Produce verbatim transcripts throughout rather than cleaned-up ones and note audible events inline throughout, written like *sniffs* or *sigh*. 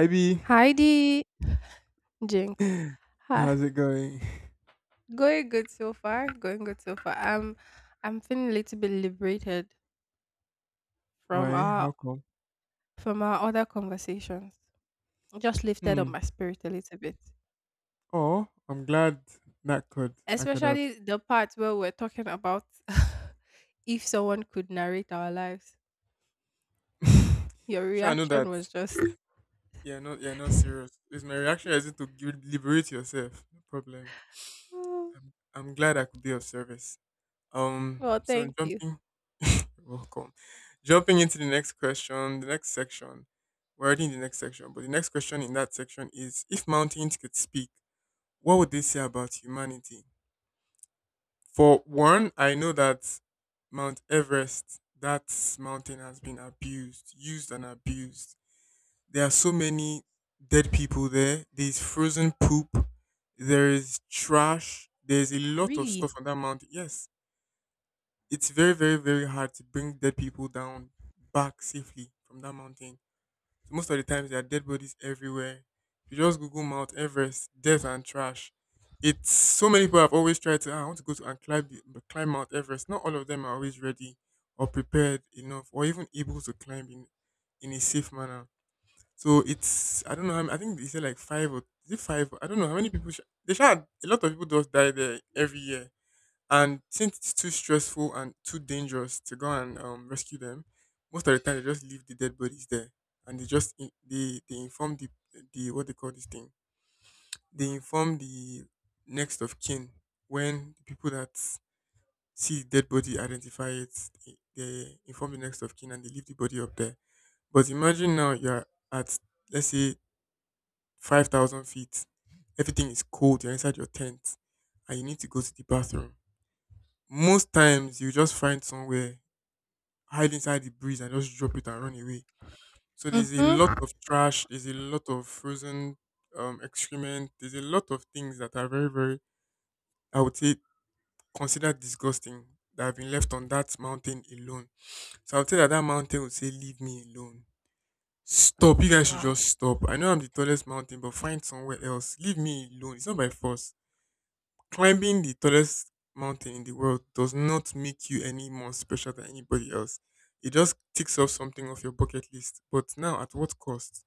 I B, Heidi Jinx. *laughs* Ha, how's it going? going good so far. Going good so far. I'm I'm feeling a little bit liberated from Why? our How come? from our other conversations. It just lifted up Hmm. my spirit a little bit. Oh, I'm glad that could I could have. Especially the part where we're talking about *laughs* if someone could narrate our lives. Your *laughs* Sure, I know reaction that. was just Yeah, no, yeah, not *sighs* serious. *laughs* Is my reaction is it to gi- liberate yourself? No problem. "Oh, I'm I'm glad I could be of service. Um, well, so thank you. jumping, *laughs* welcome. Jumping into the next question, the next section. We're already in the next section, but the next question in that section is: if mountains could speak, what would they say about humanity? For one, I know that Mount Everest, that mountain has been abused, used and abused. There are so many dead people there. There's frozen poop. There is trash. There's a lot of Really? stuff on that mountain. Yes, it's very, very, very hard to bring dead people down back safely from that mountain. So most of the times there are dead bodies everywhere. If you just Google Mount Everest, death and trash, it's so many people have always tried to. "Ah, I want to go to and climb the- climb Mount Everest. Not all of them are always ready or prepared enough or even able to climb in in a safe manner. So it's I don't know how many- I think they said like five or is it five? I don't know how many people. Sh- they shot a lot of people just die there every year. And since it's too stressful and too dangerous to go and um, rescue them, most of the time they just leave the dead bodies there, and they just in, they they inform the the what they call this thing. They inform the next of kin when the people that see the dead body identify it. They, they inform the next of kin and they leave the body up there. But imagine now you're at let's say five thousand feet. Everything is cold. You're inside your tent, and you need to go to the bathroom most times you just find somewhere hide inside the breeze and just drop it and run away. So there's a lot Mm-hmm. of trash, there's a lot of frozen um, excrement, there's a lot of things that are very, very, I would say, considered disgusting that have been left on that mountain alone. So I would say that that mountain would say, leave me alone. Stop. You guys should Wow. just stop. I know I'm the tallest mountain, but find somewhere else. Leave me alone. It's not by force. Climbing the tallest mountain in the world does not make you any more special than anybody else. It just ticks off something off your bucket list. But now, at what cost?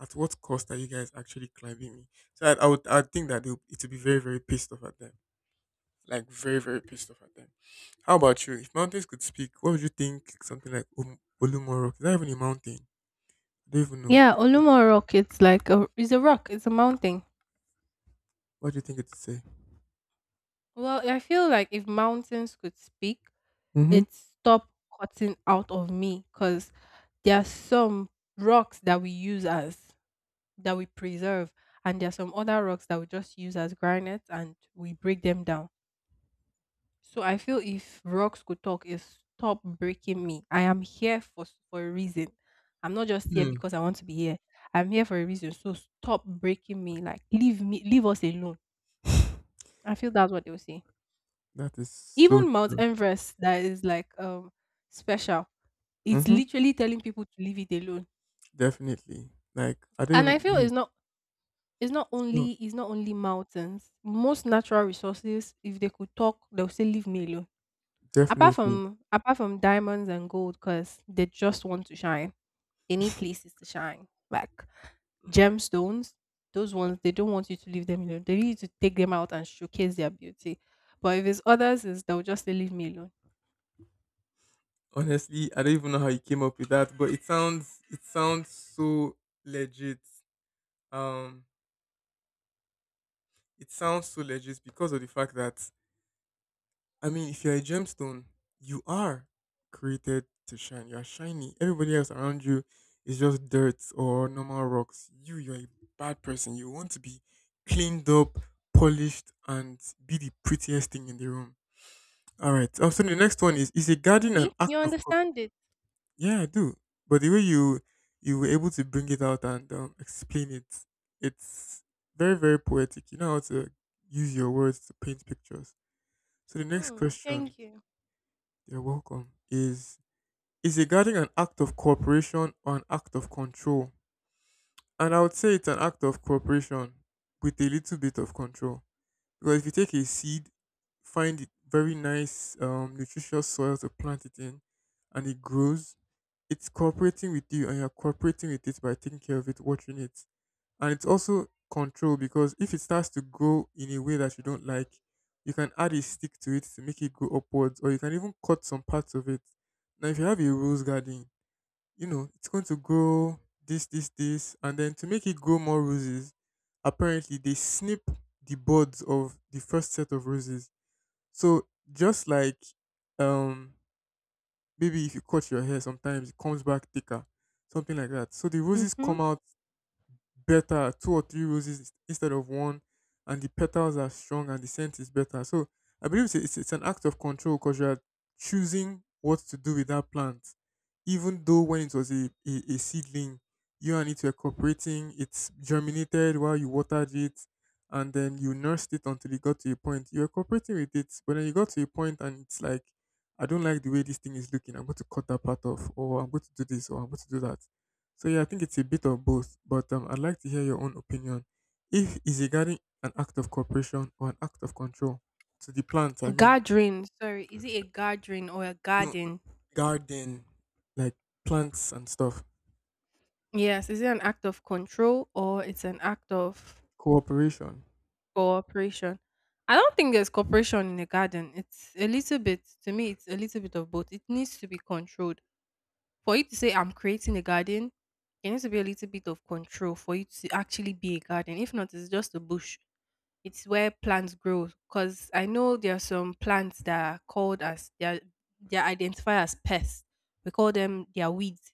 At what cost are you guys actually climbing me? So I, I would, I would think that they would- it would be very, very pissed off at them. Like very, very pissed off at them. How about you? If mountains could speak, what would you think? Something like um, Olumoro? Is that even a mountain? I don't even know. Yeah, Olumo Rock, it's like a it's a rock, it's a mountain. What do you think it would say? Well, I feel like if mountains could speak, Mm-hmm. it'd stop cutting out of me because there are some rocks that we use as that we preserve, and there are some other rocks that we just use as granites and we break them down. So I feel if rocks could talk, it stop breaking me. I am here for s- for a reason. I'm not just here Hmm. because I want to be here. I'm here for a reason. So stop breaking me. Like leave me, leave us alone. *laughs* I feel that's what they will say. That is so Even Mount true. Everest that is like um special. It's Mm-hmm. literally telling people to leave it alone. Definitely. Like I don't And I feel even Mhm. it's not it's not It's not only it's not only mountains. Most natural resources, if they could talk, they'll say leave me alone. Apart definitely. from apart from diamonds and gold, because they just want to shine. They need places to shine. Like gemstones, those ones they don't want you to leave them alone. They need you to take them out and showcase their beauty. But if it's others, is they'll just say leave me alone. Honestly, I don't even know how you came up with that, but it sounds it sounds so legit. Um it sounds so legit because of the fact that I mean if you're a gemstone, you are created to shine. You are shiny. Everybody else around you is just dirt or normal rocks. You you're a bad person. You want to be cleaned up, polished, and be the prettiest thing in the room. All right. Oh, so the next one is is a garden See, an you act of co- understand it. yeah, I do. But the way you you were able to bring it out and um, explain it, it's very very poetic. You know how to use your words to paint pictures. So the next Mm, question, thank you. you're welcome, is is a garden an act of cooperation or an act of control? And I would say it's an act of cooperation with a little bit of control. Because if you take a seed, find it very nice, um, nutritious soil to plant it in, and it grows, it's cooperating with you, and you're cooperating with it by taking care of it, watching it, and it's also control because if it starts to grow in a way that you don't like, you can add a stick to it to make it go upwards, or you can even cut some parts of it. Now, if you have a rose garden, you know, it's going to grow this, this, this. And then to make it grow more roses, apparently they snip the buds of the first set of roses. So just like um maybe if you cut your hair sometimes it comes back thicker. Something like that. So the roses Hmm. come out better two or three roses instead of one and the petals are strong and the scent is better so I believe it's, it's, it's an act of control because you are choosing what to do with that plant even though when it was a, a, a seedling you and it were cooperating. It germinated while you watered it and then you nursed it until it got to a point you were cooperating with it but then you got to a point and it's like I don't like the way this thing is looking. I'm going to cut that part off or I'm going to do this or I'm going to do that. So yeah, I think it's a bit of both, but um, I'd like to hear your own opinion. If is regarding an act of cooperation or an act of control to the plant, I mean, Gathering. Sorry, is it a gathering or a you know, garden? garden, like plants and stuff, Yes. Is it an act of control or it's an act of cooperation. cooperation? I don't think there's cooperation in a garden. It's a little bit to me. It's a little bit of both. It needs to be controlled for you to say I'm creating a garden. There needs to be a little bit of control for you to actually be a garden. If not, it's just a bush. It's where plants grow because I know there are some plants that are called as they are, they are identified as pests. We call them their weeds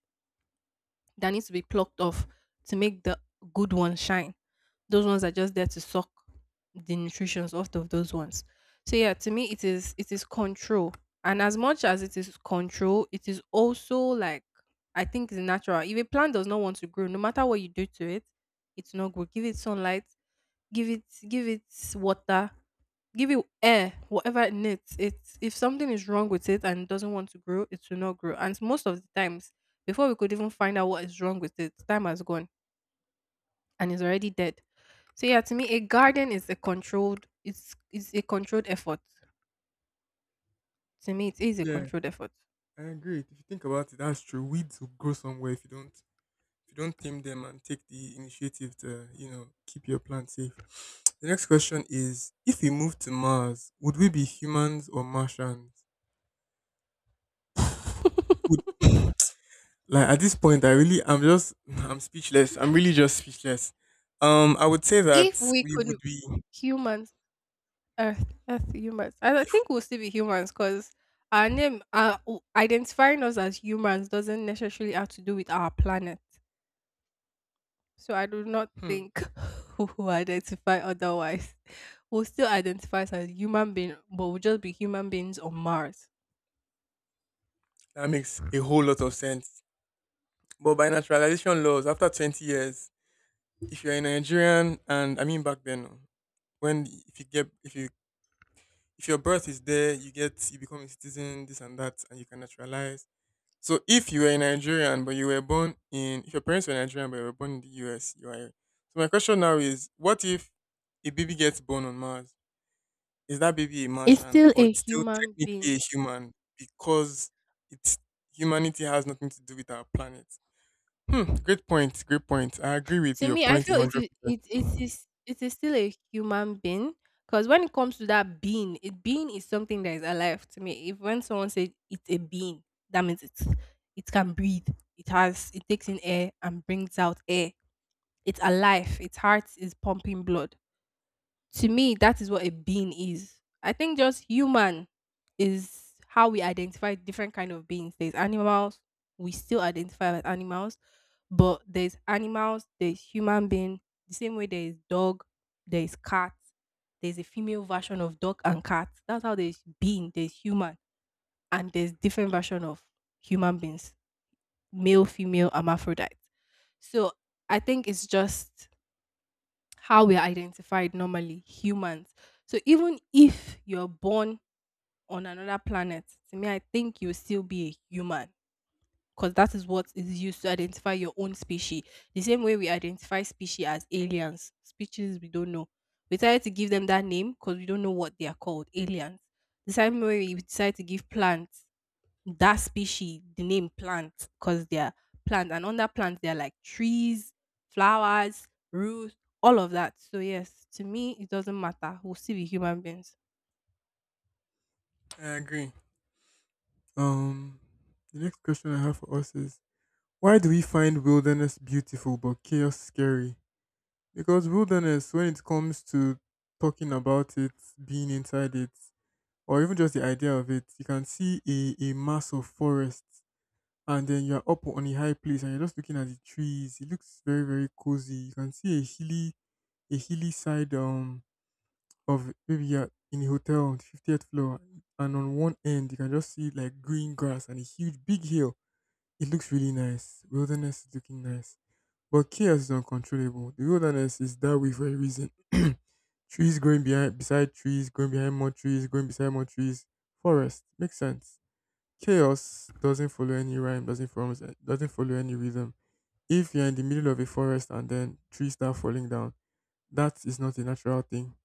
that needs to be plucked off to make the good ones shine. Those ones are just there to suck the nutritions off of those ones. So yeah, to me it is it is control. And as much as it is control, it is also like I think it's natural. If a plant does not want to grow, no matter what you do to it, it's not grow. Give it sunlight, give it give it water, give it air, whatever it needs. It's if something is wrong with it and doesn't want to grow, it will not grow. And most of the times, before we could even find out what is wrong with it, time has gone and it's already dead. So yeah, to me, a garden is a controlled. It's it's a controlled effort. To me, it is a Yeah, controlled effort. I agree. If you think about it, that's true. Weeds will grow somewhere if you don't if you don't tame them and take the initiative to you know keep your plant safe. *sniffs* The next question is: if we move to Mars, would we be humans or Martians? *laughs* Like at this point, I really, I'm just, *laughs* I'm speechless. I'm really just speechless. Um, I would say If that we we could would be. humans, Earth, Earth humans, I I think we'll still be humans because our name, uh, w- identifying us as humans doesn't necessarily have to do with our planet. So I do not Hmm, think *laughs* we will identify otherwise. We'll still identify as human being, but we'll just be human beings on Mars. that makes a whole lot of sense. But by naturalization laws, after twenty years, if you're a Nigerian, and I mean back then, when if you get if you if your birth is there, you get you become a citizen, this and that, and you can naturalize. So if you were a Nigerian but you were born in, if your parents were Nigerian but you were born in the U S, you are. So my question now is, what if a baby gets born on Mars? Is that baby a It's Martian still or a it's still human technically being. a human because it's humanity has nothing to do with our planet? Hmm, great point. Great point. I agree with To your me, I point feel it is it it one hundred percent. is it is still a human being. Because when it comes to that being, it being is something that is alive to me. If when someone says it's a being, that means it's it can breathe. It has it takes in air and brings out air. It's alive. Its heart is pumping blood to me, that is what a being is. I think just human is how we identify different kind of beings. There's animals, we still identify as animals, but there's animals, there's human being, the same way there is dog, there is cat, there's a female version of dog and cat. That's how there's being, there's human, and there's different version of human beings, male, female, hermaphrodite. So I think it's just how we're identified normally, humans. So even if you're born on another planet, to me, I think you'll still be a human because that is what is used to identify your own species. The same way we identify species as aliens, species we don't know. We decided to give them that name because we don't know what they are called, aliens. The same way we decide to give plants that species the name plant because they're plant and under plants they're like trees, flowers, roots, all of that. So yes, to me it doesn't matter, we'll still be human beings. I agree. Um, the next question I have for us is why do we find wilderness beautiful but chaos scary? Because wilderness, when it comes to talking about it, being inside it, or even just the idea of it, you can see a, a mass of forest and then you're up on a high place and you're just looking at the trees. It looks very, very cozy. You can see a hilly a hilly side um of maybe you're in a hotel on the fiftieth floor and on one end you can just see like green grass and a huge big hill. It looks really nice. Wilderness is looking nice. But chaos is uncontrollable. The wilderness is that way for a reason. *clears throat* Trees growing behind beside trees, growing behind more trees, growing beside more trees. Forest. Makes sense chaos doesn't follow any rhyme, doesn't follow, doesn't follow any rhythm. If you're in the middle of a forest and then trees start falling down, that is not a natural thing.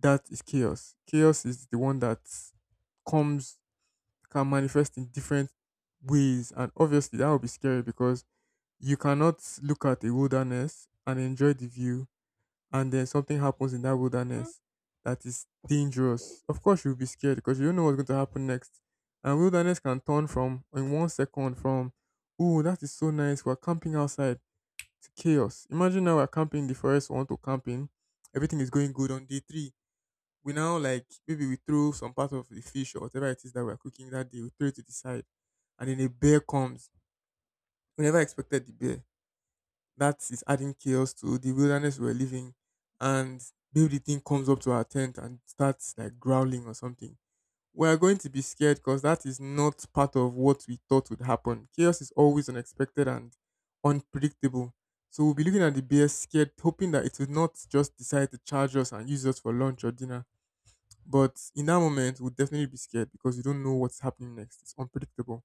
That is chaos. Chaos is the one that comes can manifest in different ways, and obviously that will be scary because you cannot look at a wilderness and enjoy the view and then something happens in that Mm. wilderness that is dangerous, of course you'll be scared because you don't know what's going to happen next. And wilderness can turn from in one second from oh that is so nice, we're camping outside to chaos. Imagine now we're camping in the forest, we want to camping, everything is going good on day three. We now like maybe we throw some part of the fish or whatever it is that we're cooking that day, we throw it to the side and then a bear comes. We never expected the bear that is adding chaos to the wilderness we're living. And maybe the thing comes up to our tent and starts like growling or something. We are going to be scared because that is not part of what we thought would happen. Chaos is always unexpected and unpredictable. So we'll be looking at the bear scared, hoping that it will not just decide to charge us and use us for lunch or dinner. But in that moment, we'll definitely be scared because we don't know what's happening next. It's unpredictable.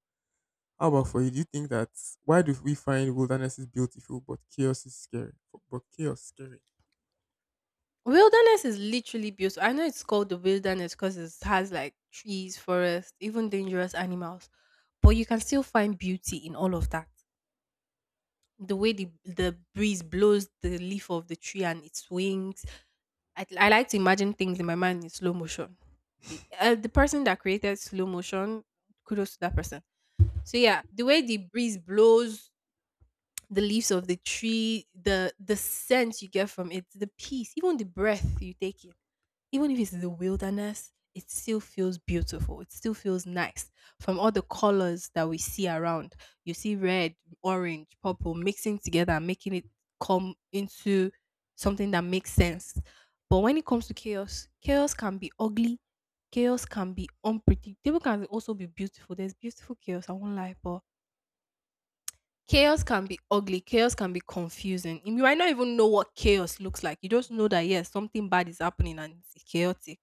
How about for you? Do you think that why do we find wilderness is beautiful but chaos is scary? But chaos scary. Wilderness is literally beautiful. I know it's called the wilderness because it has like trees, forest, even dangerous animals, but you can still find beauty in all of that. The way the the breeze blows the leaf of the tree and it swings, I, I like to imagine things in my mind in slow motion. The, uh, the person that created slow motion, kudos to that person. So yeah, the way the breeze blows, the leaves of the tree, the the scent you get from it, the peace, even the breath you take in even if it's the wilderness, it still feels beautiful. It still feels nice from all the colors that we see around. You see red, orange, purple mixing together and making it come into something that makes sense. But when it comes to chaos, chaos can be ugly. Chaos can be unpredictable. Can also be beautiful. There's beautiful chaos. I won't lie, but chaos can be ugly, chaos can be confusing, you might not even know what chaos looks like, you just know that yes, something bad is happening and it's chaotic.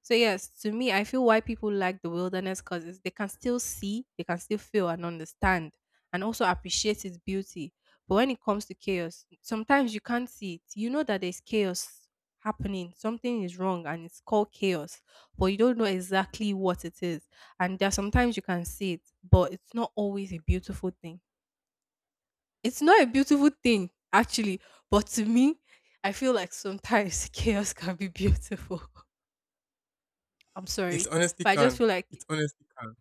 So yes, to me I feel why people like the wilderness, because they can still see, they can still feel and understand and also appreciate its beauty. But when it comes to chaos, sometimes you can't see it, you know that there's chaos happening, something is wrong and it's called chaos, but you don't know exactly what it is. And there are sometimes you can see it, but it's not always a beautiful thing. It's not a beautiful thing actually, but to me, I feel like sometimes *laughs* chaos can be beautiful. *laughs* I'm It sorry, honestly but I just can. feel like It honestly can.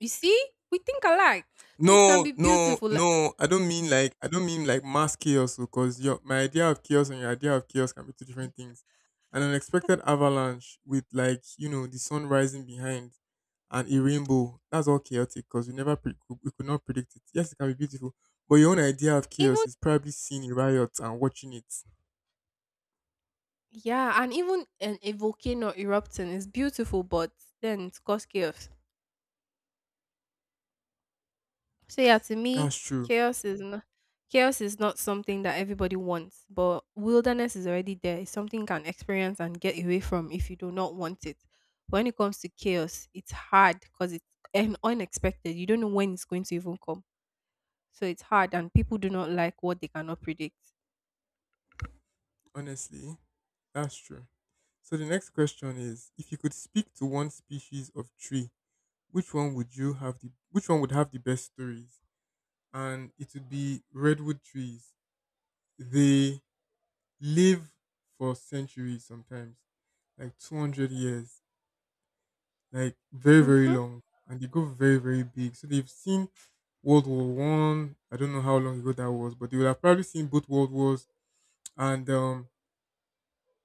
you see, we think alike, so it can No, be no, beautiful. Like, no. I don't mean like I don't mean like mass chaos because your my idea of chaos and your idea of chaos can be two different things. An unexpected avalanche with like you know the sun rising behind and a rainbow. That's all chaotic because we never pre- we we could not predict it. Yes, it can be beautiful, but your own idea of even chaos is probably seeing a riot and watching it. yeah, and even an, a volcano erupting is beautiful, but then it's cause chaos. So yeah, to me, That's true. chaos is not chaos is not something that everybody wants, but wilderness is already there. It's something you can experience and get away from if you do not want it. When it comes to chaos, it's hard because it's un- unexpected. You don't know when it's going to even come. So it's hard and people do not like what they cannot predict. Honestly, that's true. So the next question is if you could speak to one species of tree, which one would you have the which one would have the best stories? And it would be redwood trees. They live for centuries sometimes, like two hundred years, like very very Hmm. long and they go very very big. So they've seen World War World War One, I. don't know how long ago that was, but they would have probably seen both world wars and um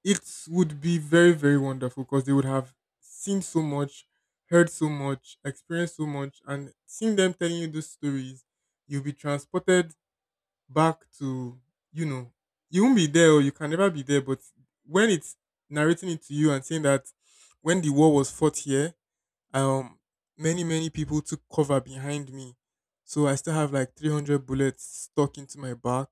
it would be very very wonderful because they would have seen so much, heard so much, experienced so much, and seeing them telling you those stories you'll be transported back to, you know, you won't be there or you can never be there, but when it's narrating it to you and saying that when the war was fought here, um, many many people took cover behind me, so I still have like three hundred bullets stuck into my back.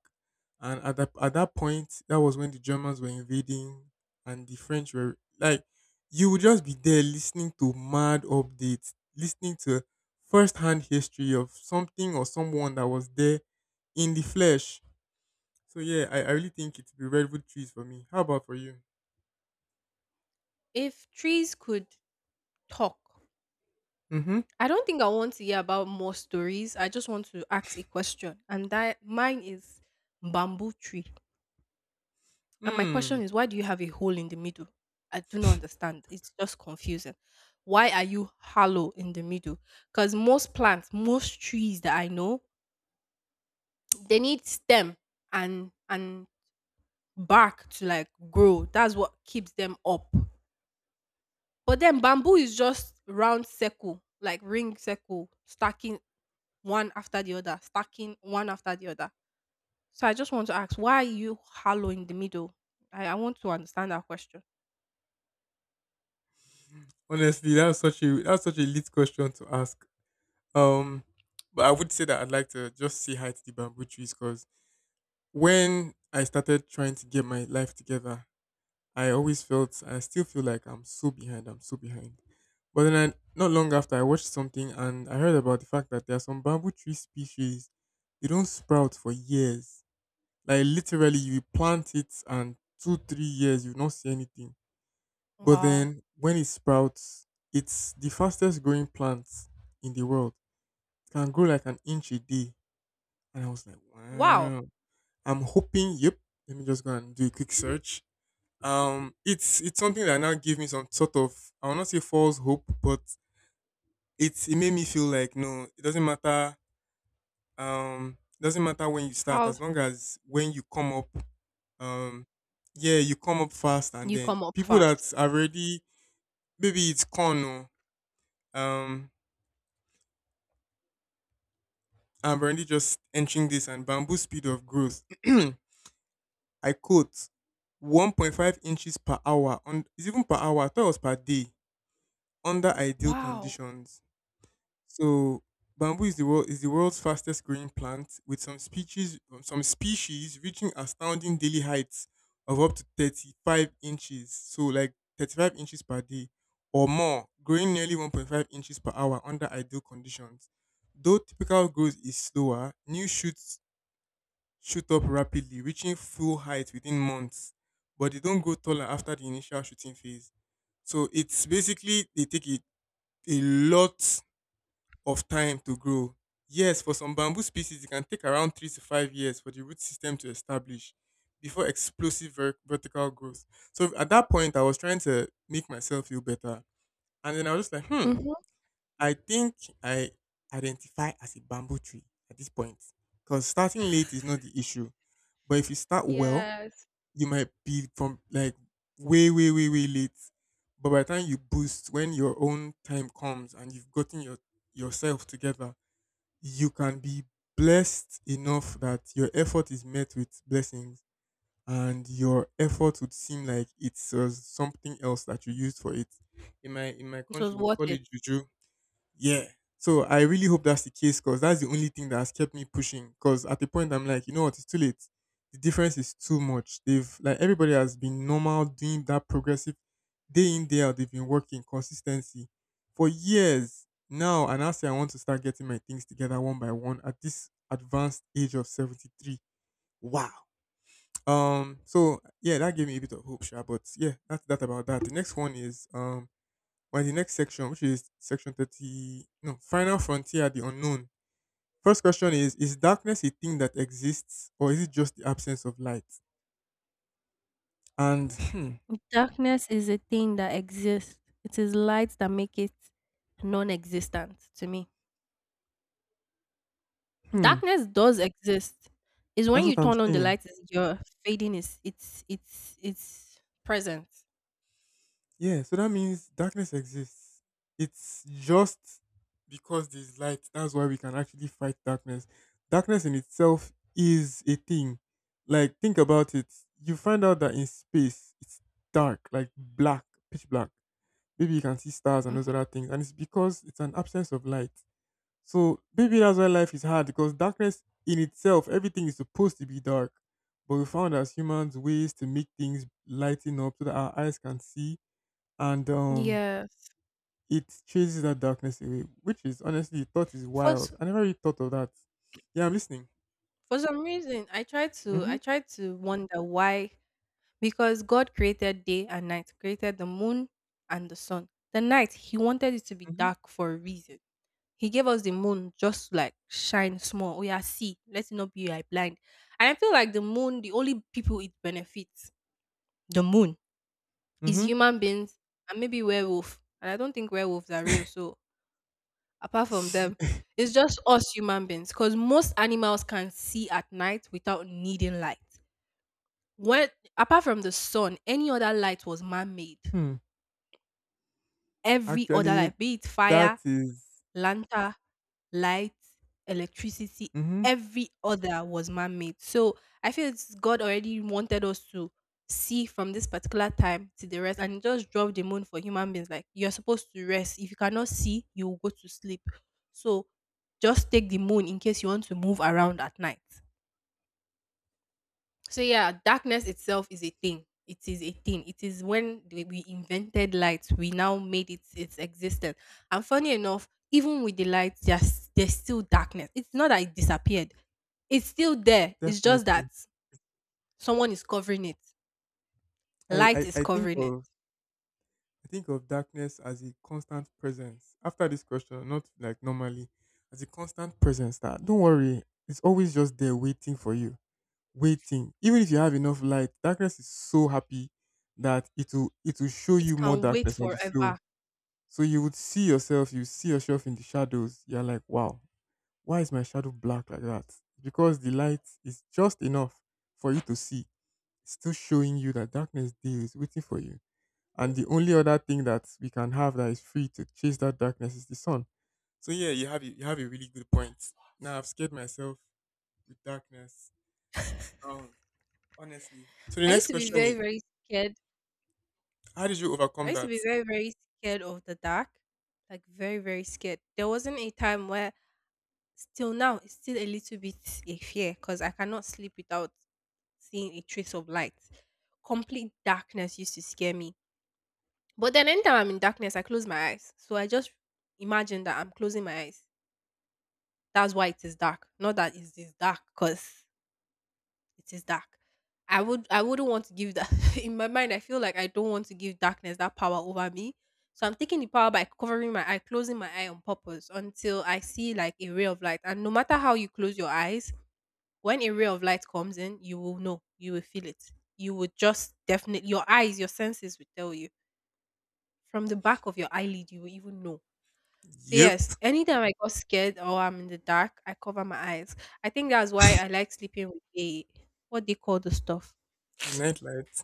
And at that at that point, that was when the Germans were invading, and the French were like, you would just be there listening to mad updates, listening to first-hand history of something or someone that was there in the flesh. So yeah, I, I really think it would be redwood trees for me. How about for you? If trees could talk, Mm-hmm. I don't think I want to hear about more stories. I just want to ask a question, and that mine is bamboo tree. And my Hmm. question is, why do you have a hole in the middle? I do not understand. It's just confusing. Why are you hollow in the middle? Because most plants, most trees that I know, they need stem and and bark to like grow. That's what keeps them up. But then bamboo is just round circle, like ring circle, stacking one after the other, stacking one after the other. So I just want to ask, why are you hollow in the middle? I, I want to understand that question. Honestly, that was such a that was such a lit question to ask. Um, but I would say that I'd like to just say hi to the bamboo trees because when I started trying to get my life together, I always felt, I still feel like I'm so behind. I'm so behind. But then, I, not long after, I watched something and I heard about the fact that there are some bamboo tree species they don't sprout for years. Like literally, you plant it and two, three years you not see anything. But Wow. then when it sprouts, it's the fastest growing plant in the world. It can grow like an inch a day. And I was like, Wow. wow. I'm hoping, yep, let me just go and do a quick search. Um, it's it's something that now gave me some sort of, I will not say false hope, but it's it made me feel like no, it doesn't matter. Um, it doesn't matter when you start, How as long as when you come up, um, yeah, you come up fast, and you then come up people first? that are already maybe it's corn, or, um, I'm already just entering this and bamboo speed of growth. *clears throat* I quote, one point five inches per hour. On, it's even per hour. I thought it was per day under ideal Wow. conditions. So bamboo is the world is the world's fastest growing plant, with some species um, some species reaching astounding daily heights of up to thirty-five inches. So like thirty-five inches per day or more, growing nearly one point five inches per hour under ideal conditions. Though typical growth is slower, new shoots shoot up rapidly, reaching full height within months, but they don't grow taller after the initial shooting phase. So it's basically they take it a lot of time to grow. Yes, for some bamboo species, it can take around three to five years for the root system to establish before explosive ver- vertical growth. So at that point, I was trying to make myself feel better, and then I was just like, hmm, Mhm. I think I identify as a bamboo tree at this point because starting late is not the issue. But if you start well, Yes. you might be from like way, way, way, way late. But by the time you boost, when your own time comes and you've gotten your yourself together, you can be blessed enough that your effort is met with blessings and your effort would seem like it's uh, something else that you used for it. In my in my It country, was we would worth call it. it juju, yeah. So I really hope that's the case because that's the only thing that has kept me pushing. Because at the point I'm like, you know what, it's too late. The difference is too much. They've like everybody has been normal doing that progressive day in day out. They've been working consistency for years now, and I say I want to start getting my things together one by one at this advanced age of seventy three. Wow. Um. So yeah, that gave me a bit of hope, sure. But yeah, that's that about that. The next one is um we're in the next section, which is section thirty. No, final frontier, the unknown. First question is Is darkness a thing that exists, or is it just the absence of light? And hmm, Darkness is a thing that exists. It is light that make it non-existent to me. hmm, Darkness does exist. It's when that's you what I'm turn on the saying. light is your fading is it's it's it's present. Yeah, so that means darkness exists. It's just because there's light. That's why we can actually fight darkness. Darkness in itself is a thing. Like, think about it. You find out that in space, it's dark, like black, pitch black. Maybe you can see stars and those Mhm. other things. And it's because it's an absence of light. So maybe that's why life is hard, because darkness in itself, everything is supposed to be dark. But we found as humans ways to make things lighten up so that our eyes can see, and um Yes. it chases that darkness away, which is honestly, the thought is For s- wild. I never really thought of that. Yeah, I'm listening. for some reason, I tried to I Mm-hmm. tried to wonder why, because God created day and night, created the moon and the sun. The night, He wanted it to be Mm-hmm. dark for a reason. He gave us the moon just to, like shine small. Oh yeah, see, let us not be like blind. And I feel like the moon, the only people it benefits, the moon, is Mm-hmm. human beings and maybe werewolf. And I don't think werewolves are real. So apart from them, it's just us human beings. Because most animals can see at night without needing light. When apart from the sun, any other light was man-made. *laughs* hmm. Every other life, Actually, be it that fire, is lanta, light, electricity, mm-hmm, every other was man made. So I feel it's God already wanted us to see from this particular time to the rest and he just drop the moon for human beings. Like you're supposed to rest. If you cannot see, you will go to sleep. So just take the moon in case you want to move around at night. So yeah, darkness itself is a thing. It is a thing. It is when we we invented light, we now made it its existence. And funny enough, even with the light, there's there's still darkness. It's not that it disappeared. It's still there. It's just that definitely. someone is covering it. I, Light is I I think covering it. of I think of darkness as a constant presence. After this question, not like normally, as a constant presence that, don't worry, it's always just there waiting for you. Waiting. Even if you have enough light, darkness is so happy that it will it will show It you more can wait darkness on the floor. forever. So you would see yourself, you see yourself in the shadows. You're like, wow, why is my shadow black like that? Because the light is just enough for you to see. It's still showing you that darkness there is waiting for you, and the only other thing that we can have that is free to chase that darkness is the sun. So yeah, you have a- you have a really good point. Now I've scared myself with darkness. Um, honestly. So the I used next to be question very, is, very scared. how did you I overcome used to be that? very, very scared of the dark. Like very, very scared. There wasn't a time where Still now, it's still a little bit a fear because I cannot sleep without seeing a trace of light. Complete darkness used to scare me. But then anytime I'm in darkness, I close my eyes. So I just imagine that I'm closing my eyes. That's why it is dark. Not that it is dark because it is dark. I would I wouldn't want to give that *laughs* in my mind. I feel like I don't want to give darkness that power over me. So I'm taking the power by covering my eye, closing my eye on purpose until I see like a ray of light. And no matter how you close your eyes, when a ray of light comes in, you will know, you will feel it. You would just definitely, your eyes, your senses will tell you. From the back of your eyelid, you will even know. So, Yep, yes, anytime I got scared or I'm in the dark, I cover my eyes. I think that's why I like sleeping with a, what they call the stuff. a nightlight.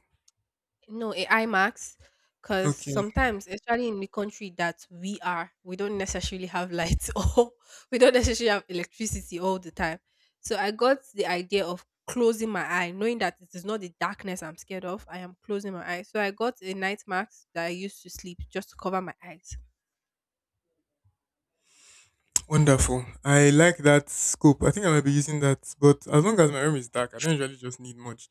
No, a I max, because Okay, sometimes, especially in the country that we are, we don't necessarily have lights *laughs* or we don't necessarily have electricity all the time. So I got the idea of closing my eye, knowing that it is not the darkness I'm scared of. I am closing my eyes. So I got a night mask that I used to sleep just to cover my eyes. wonderful. I like that scope. I think I might be using that, but as long as my room is dark, I don't usually just need much.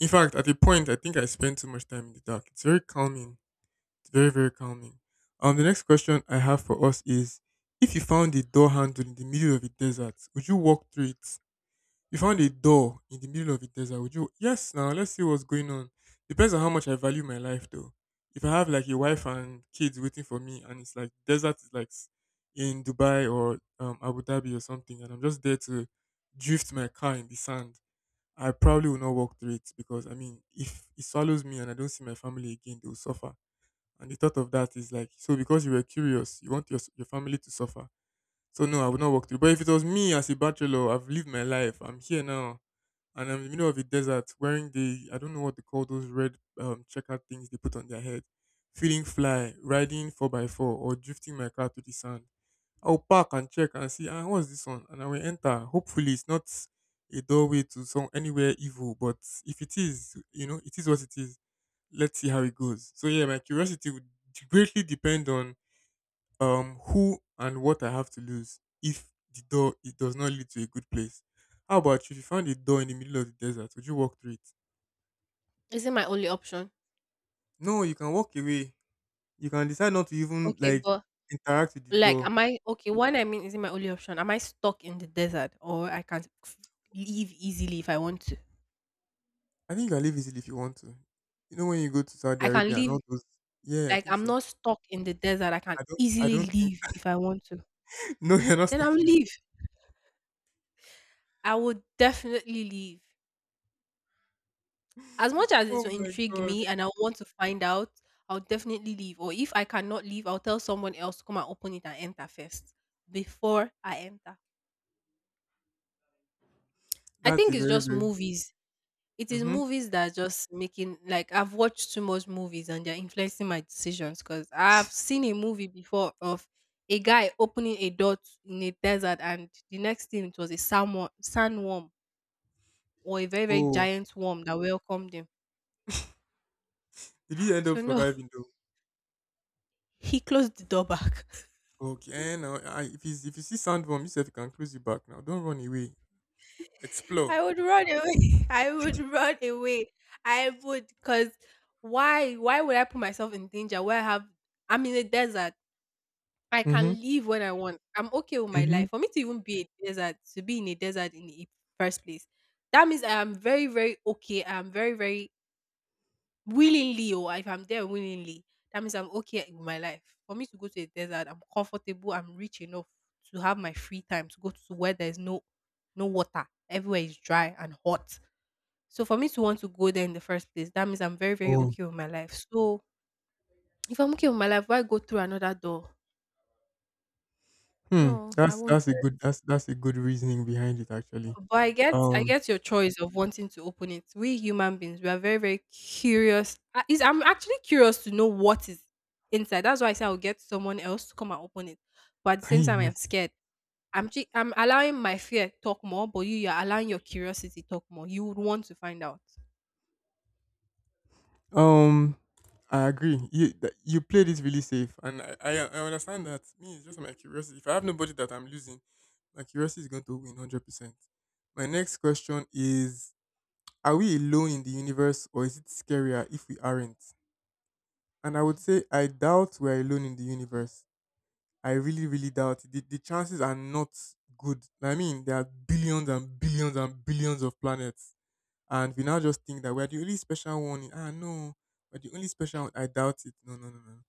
In fact, at a point, I think I spend too much time in the dark. It's very calming. It's very, very calming. Um, the next question I have for us is if you found a door handle in the middle of a desert, would you walk through it? You found a door in the middle of a desert, would you, yes now let's see what's going on. Depends on how much I value my life though. If I have like a wife and kids waiting for me and it's like desert is like s- in Dubai or um, Abu Dhabi or something and I'm just there to drift my car in the sand, I probably will not walk through it because I mean if it swallows me and I don't see my family again, they will suffer. And the thought of that is like, so because you were curious, you want your s- your family to suffer. So no, I would not walk through. But if it was me as a bachelor, I've lived my life. I'm here now, and I'm in the middle of a desert, wearing the, I don't know what they call those red um checkered things they put on their head, feeling fly, riding four by four, or drifting my car to the sand. I'll park and check and see, ah, what's this one? And I will enter. Hopefully, it's not a doorway to some anywhere evil. But if it is, you know, it is what it is, let's see how it goes. So yeah, my curiosity would greatly depend on um who and what I have to lose if the door it does not lead to a good place. How about you? If you found a door in the middle of the desert, would you walk through it? Is it my only option? No, you can walk away. You can decide not to even Okay, like but interact with the like, door. am I okay? One, I mean, is it my only option? Am I stuck in the desert or I can f- leave easily if I want to? I think you can leave easily if you want to. You know when you go to Saudi I can Arabia and leave. all those yeah, I Like, think I'm so. not stuck in the desert. I can I don't I easily don't think leave if I want to. *laughs* no you're not Then I'll stuck in the leave. desert. I would definitely leave. As much *laughs* as Oh it will my intrigue god. me and I want to find out, I'll definitely leave. Or if I cannot leave, I'll tell someone else to come and open it and enter first before I enter. I That's think a it's very just very movies. It is mm-hmm. movies that are just making like I've watched too much movies and they're influencing my decisions because I've seen a movie before of a guy opening a door t- in a desert and the next thing it was a sandworm, sandworm or a very very Oh, giant worm that welcomed him. did you end up So no, surviving though? *laughs* he closed the door back. Okay, eh, now I, if you if you see sandworm, you said you can close your back now. Don't run away. *laughs* Explore. I would run away. *laughs* I would run away. I would because why why would I put myself in danger where I have I'm in a desert. I can Mhm. leave when I want. I'm okay with my Mhm. life. For me to even be a desert, to be in a desert in the first place, that means I am very, very okay. I'm very, very willingly, or if I'm there willingly, that means I'm okay with my life. For me to go to a desert, I'm comfortable. I'm rich enough to have my free time to go to where there's no, no water. Everywhere is dry and hot. So for me to want to go there in the first place, that means I'm very, very Oh. okay with my life. So if I'm okay with my life, why go through another door? Hmm. No, I That's won't. that's a good that's that's a good reasoning behind it actually. But I get I Um. get your choice of wanting to open it. We human beings, we are very very curious. I, is I'm actually curious to know what is inside. That's why I say I'll get someone else to come and open it. But at *laughs* the Can same you time, I'm imagine? scared. I'm chi I'm allowing my fear talk more, but you you're allowing your curiosity talk more. You would want to find out. Um. I agree. You that- you played it really safe, and I, I I understand that. Me, it's just my curiosity. If I have nobody that I'm losing, my curiosity is going to win hundred percent. My next question is: are we alone in the universe, or is it scarier if we aren't? And I would say I doubt we're alone in the universe. I really, really doubt it. The, the chances are not good. I mean, there are billions and billions and billions of planets. And we now just think that we're the only special one. In- Ah, no, we're the only special one. I doubt it. No, no, no, no.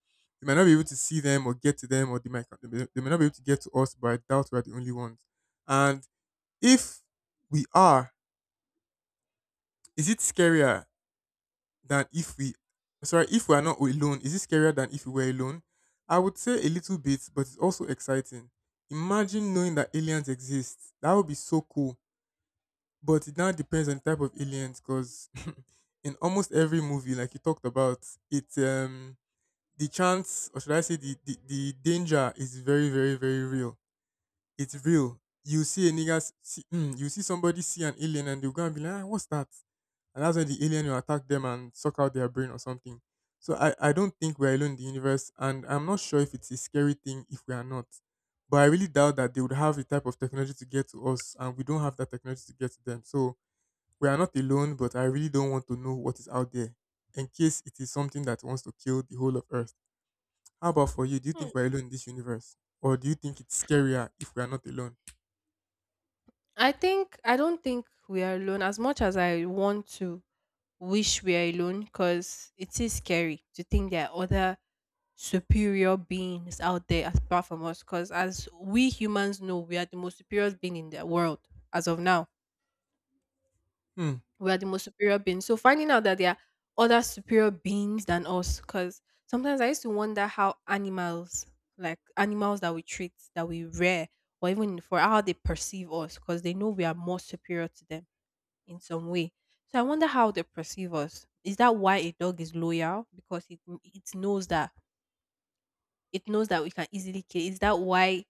We might not be able to see them or get to them, or they might, they may they may not be able to get to us, but I doubt we're the only ones. And if we are, is it scarier than if we sorry, if we are not alone, is it scarier than if we were alone? I would say a little bit, but it's also exciting. Imagine knowing that aliens exist. That would be so cool. But it now depends on the type of aliens because *laughs* in almost every movie like you talked about it, um the chance, or should I say, the, the the danger is very very very real. It's real. You see a nigga s- see, mm, you see somebody see an alien and they'll go and be like, ah, what's that? And that's why the alien will attack them and suck out their brain or something. So I, I don't think we're alone in the universe, and I'm not sure if it's a scary thing if we are not. But I really doubt that they would have the type of technology to get to us, and we don't have that technology to get to them. So we are not alone, but I really don't want to know what is out there in case it is something that wants to kill the whole of Earth. How about for you? Do you Hmm. think we're alone in this universe? Or do you think it's scarier if we are not alone? I think I don't think we are alone as much as I want to wish we are alone because it is scary to think there are other superior beings out there apart from us because as we humans know we are the most superior being in the world as of now. Hmm. We are the most superior beings, so finding out that there are other superior beings than us because sometimes I used to wonder how animals, like animals that we treat, that we rear, or even for how they perceive us because they know we are more superior to them in some way. So I wonder how they perceive us. Is that why a dog is loyal? Because it, it knows that it knows that we can easily kill it. Is that why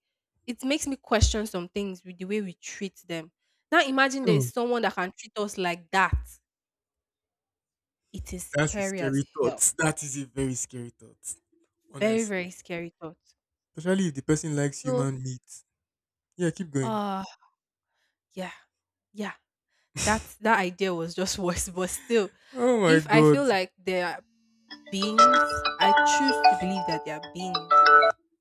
it makes me question some things with the way we treat them? Now imagine there is Hmm. someone that can treat us like that. It is That's a scary as scary thought. hell. That is a very scary thought. Very, Honestly. very scary thought. Especially if the person likes So human meat. Yeah, keep going. uh yeah. Yeah. That that idea was just *laughs* worse. But still, Oh my if I feel god. like they are beings, I choose to believe that they are beings.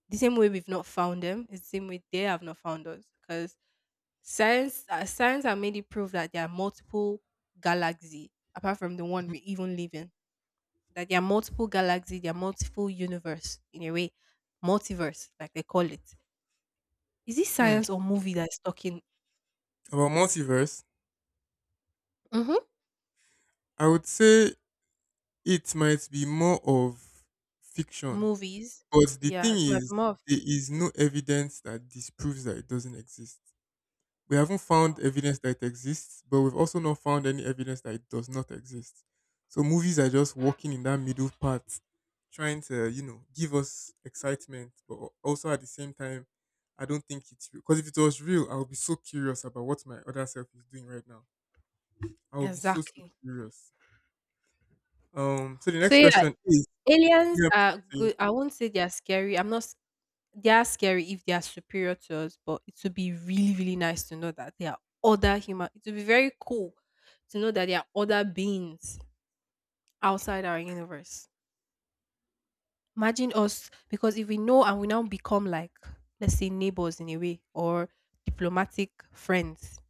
The same way we've not found them, it's the same way they have not found us. Because science, uh, science has made it prove that there are multiple galaxy apart from the one we even live in. That there are multiple galaxy, there are multiple universe in a way, multiverse like they call it. Is it Hmm. science or movie that's talking? About multiverse, Hmm. I would say it might be more of fiction. Movies, But the yeah, thing it might be is, more of fic- there is no evidence that disproves that it doesn't exist. We haven't found wow, evidence that it exists, but we've also not found any evidence that it does not exist. So movies are just walking in that middle part, trying to, you know, give us excitement, but al- also at the same time, I don't think it's real. Because if it was real, I would be so curious about what my other self is doing right now. I would be so so exactly. curious. Um, so the So next yeah, question is aliens yeah, please are continue. good. I won't say they are scary. I'm not they are scary if they are superior to us, but it would be really, really nice to know that there are other human. It would be very cool to know that there are other beings outside our universe. Imagine us, because if we know and we now become like, let's say, neighbors in a way, or diplomatic friends,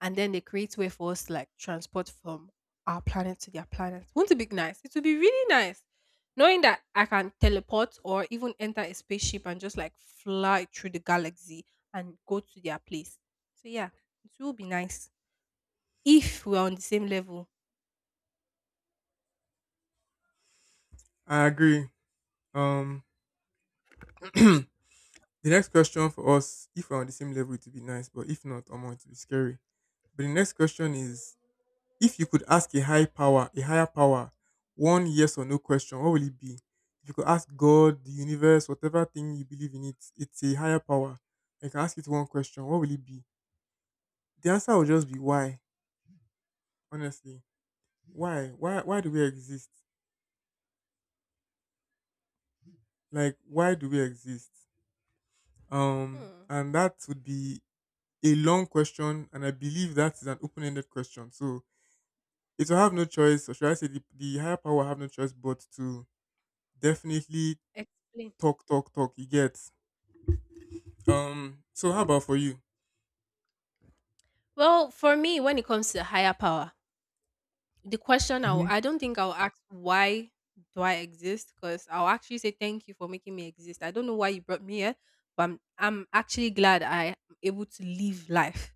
and then they create way for us to like transport from our planet to their planet. Wouldn't it be nice? It would be really nice knowing that I can teleport or even enter a spaceship and just like fly through the galaxy and go to their place. So yeah, it will be nice if we're on the same level. I agree. Um, *clears throat* the next question for us, if we're on the same level, it would be nice, but if not, I'm going to be scary. But the next question is: if you could ask a high power, a higher power one yes or no question, what will it be? If you could ask God, the universe, whatever thing you believe in, it's it's a higher power. I can ask it one question, what will it be? The answer will just be why. Honestly, why? Why? Why do we exist? Like, why do we exist? Um, Hmm. and that would be a long question, and I believe that is an open-ended question. So it will have no choice, or should I say, the, the higher power will have no choice but to definitely Explain. talk, talk, talk. You get Um. So how about for you? Well, for me, when it comes to higher power, the question I'll, Hmm. I don't think I'll ask why do I exist because I'll actually say thank you for making me exist. I don't know why you brought me here, but I'm, I'm actually glad I am able to live life.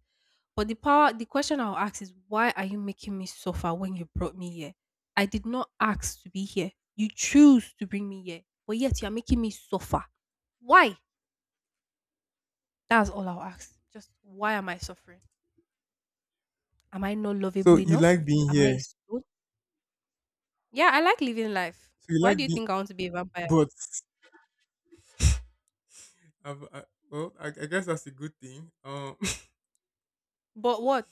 But the power, the question I'll ask is why are you making me suffer when you brought me here? I did not ask to be here. You choose to bring me here, but yet you're making me suffer. Why? That's all I'll ask. Just why am I suffering? Am I not lovable So you enough? like being Am I here. a? Yeah, I like living life. So you Why like do you being, think I want to be a vampire? but I've, I, well, I, I guess that's a good thing. Um. *laughs* But what?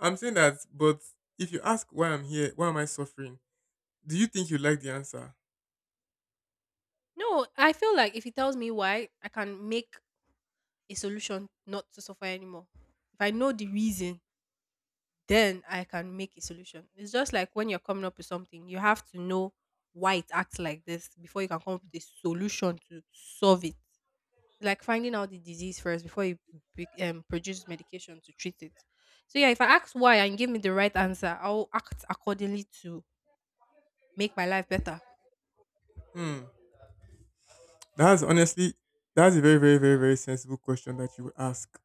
I'm saying that, but if you ask why I'm here, why am I suffering? Do you think you like the answer? No, I feel like if he tells me why, I can make a solution not to suffer anymore. If I know the reason, then I can make a solution. It's just like when you're coming up with something, you have to know why it acts like this before you can come up with a solution to solve it. Like finding out the disease first before you be- um, produce medication to treat it. So yeah, if I ask why and give me the right answer, I'll act accordingly to make my life better. Hmm. That's honestly, that's a very, very, very, very sensible question that you would ask.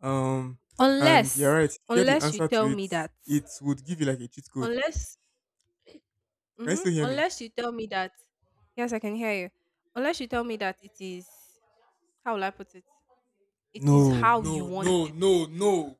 Um. And you're Unless, right. If you get the unless you answer tell to me it, that, it would give you like a cheat code. unless, Can you mhm, still hear me? unless you tell me that. Yes, I can hear you. Unless you tell me that it is, how will I put it? It is No, how you no, no, want it. no, no.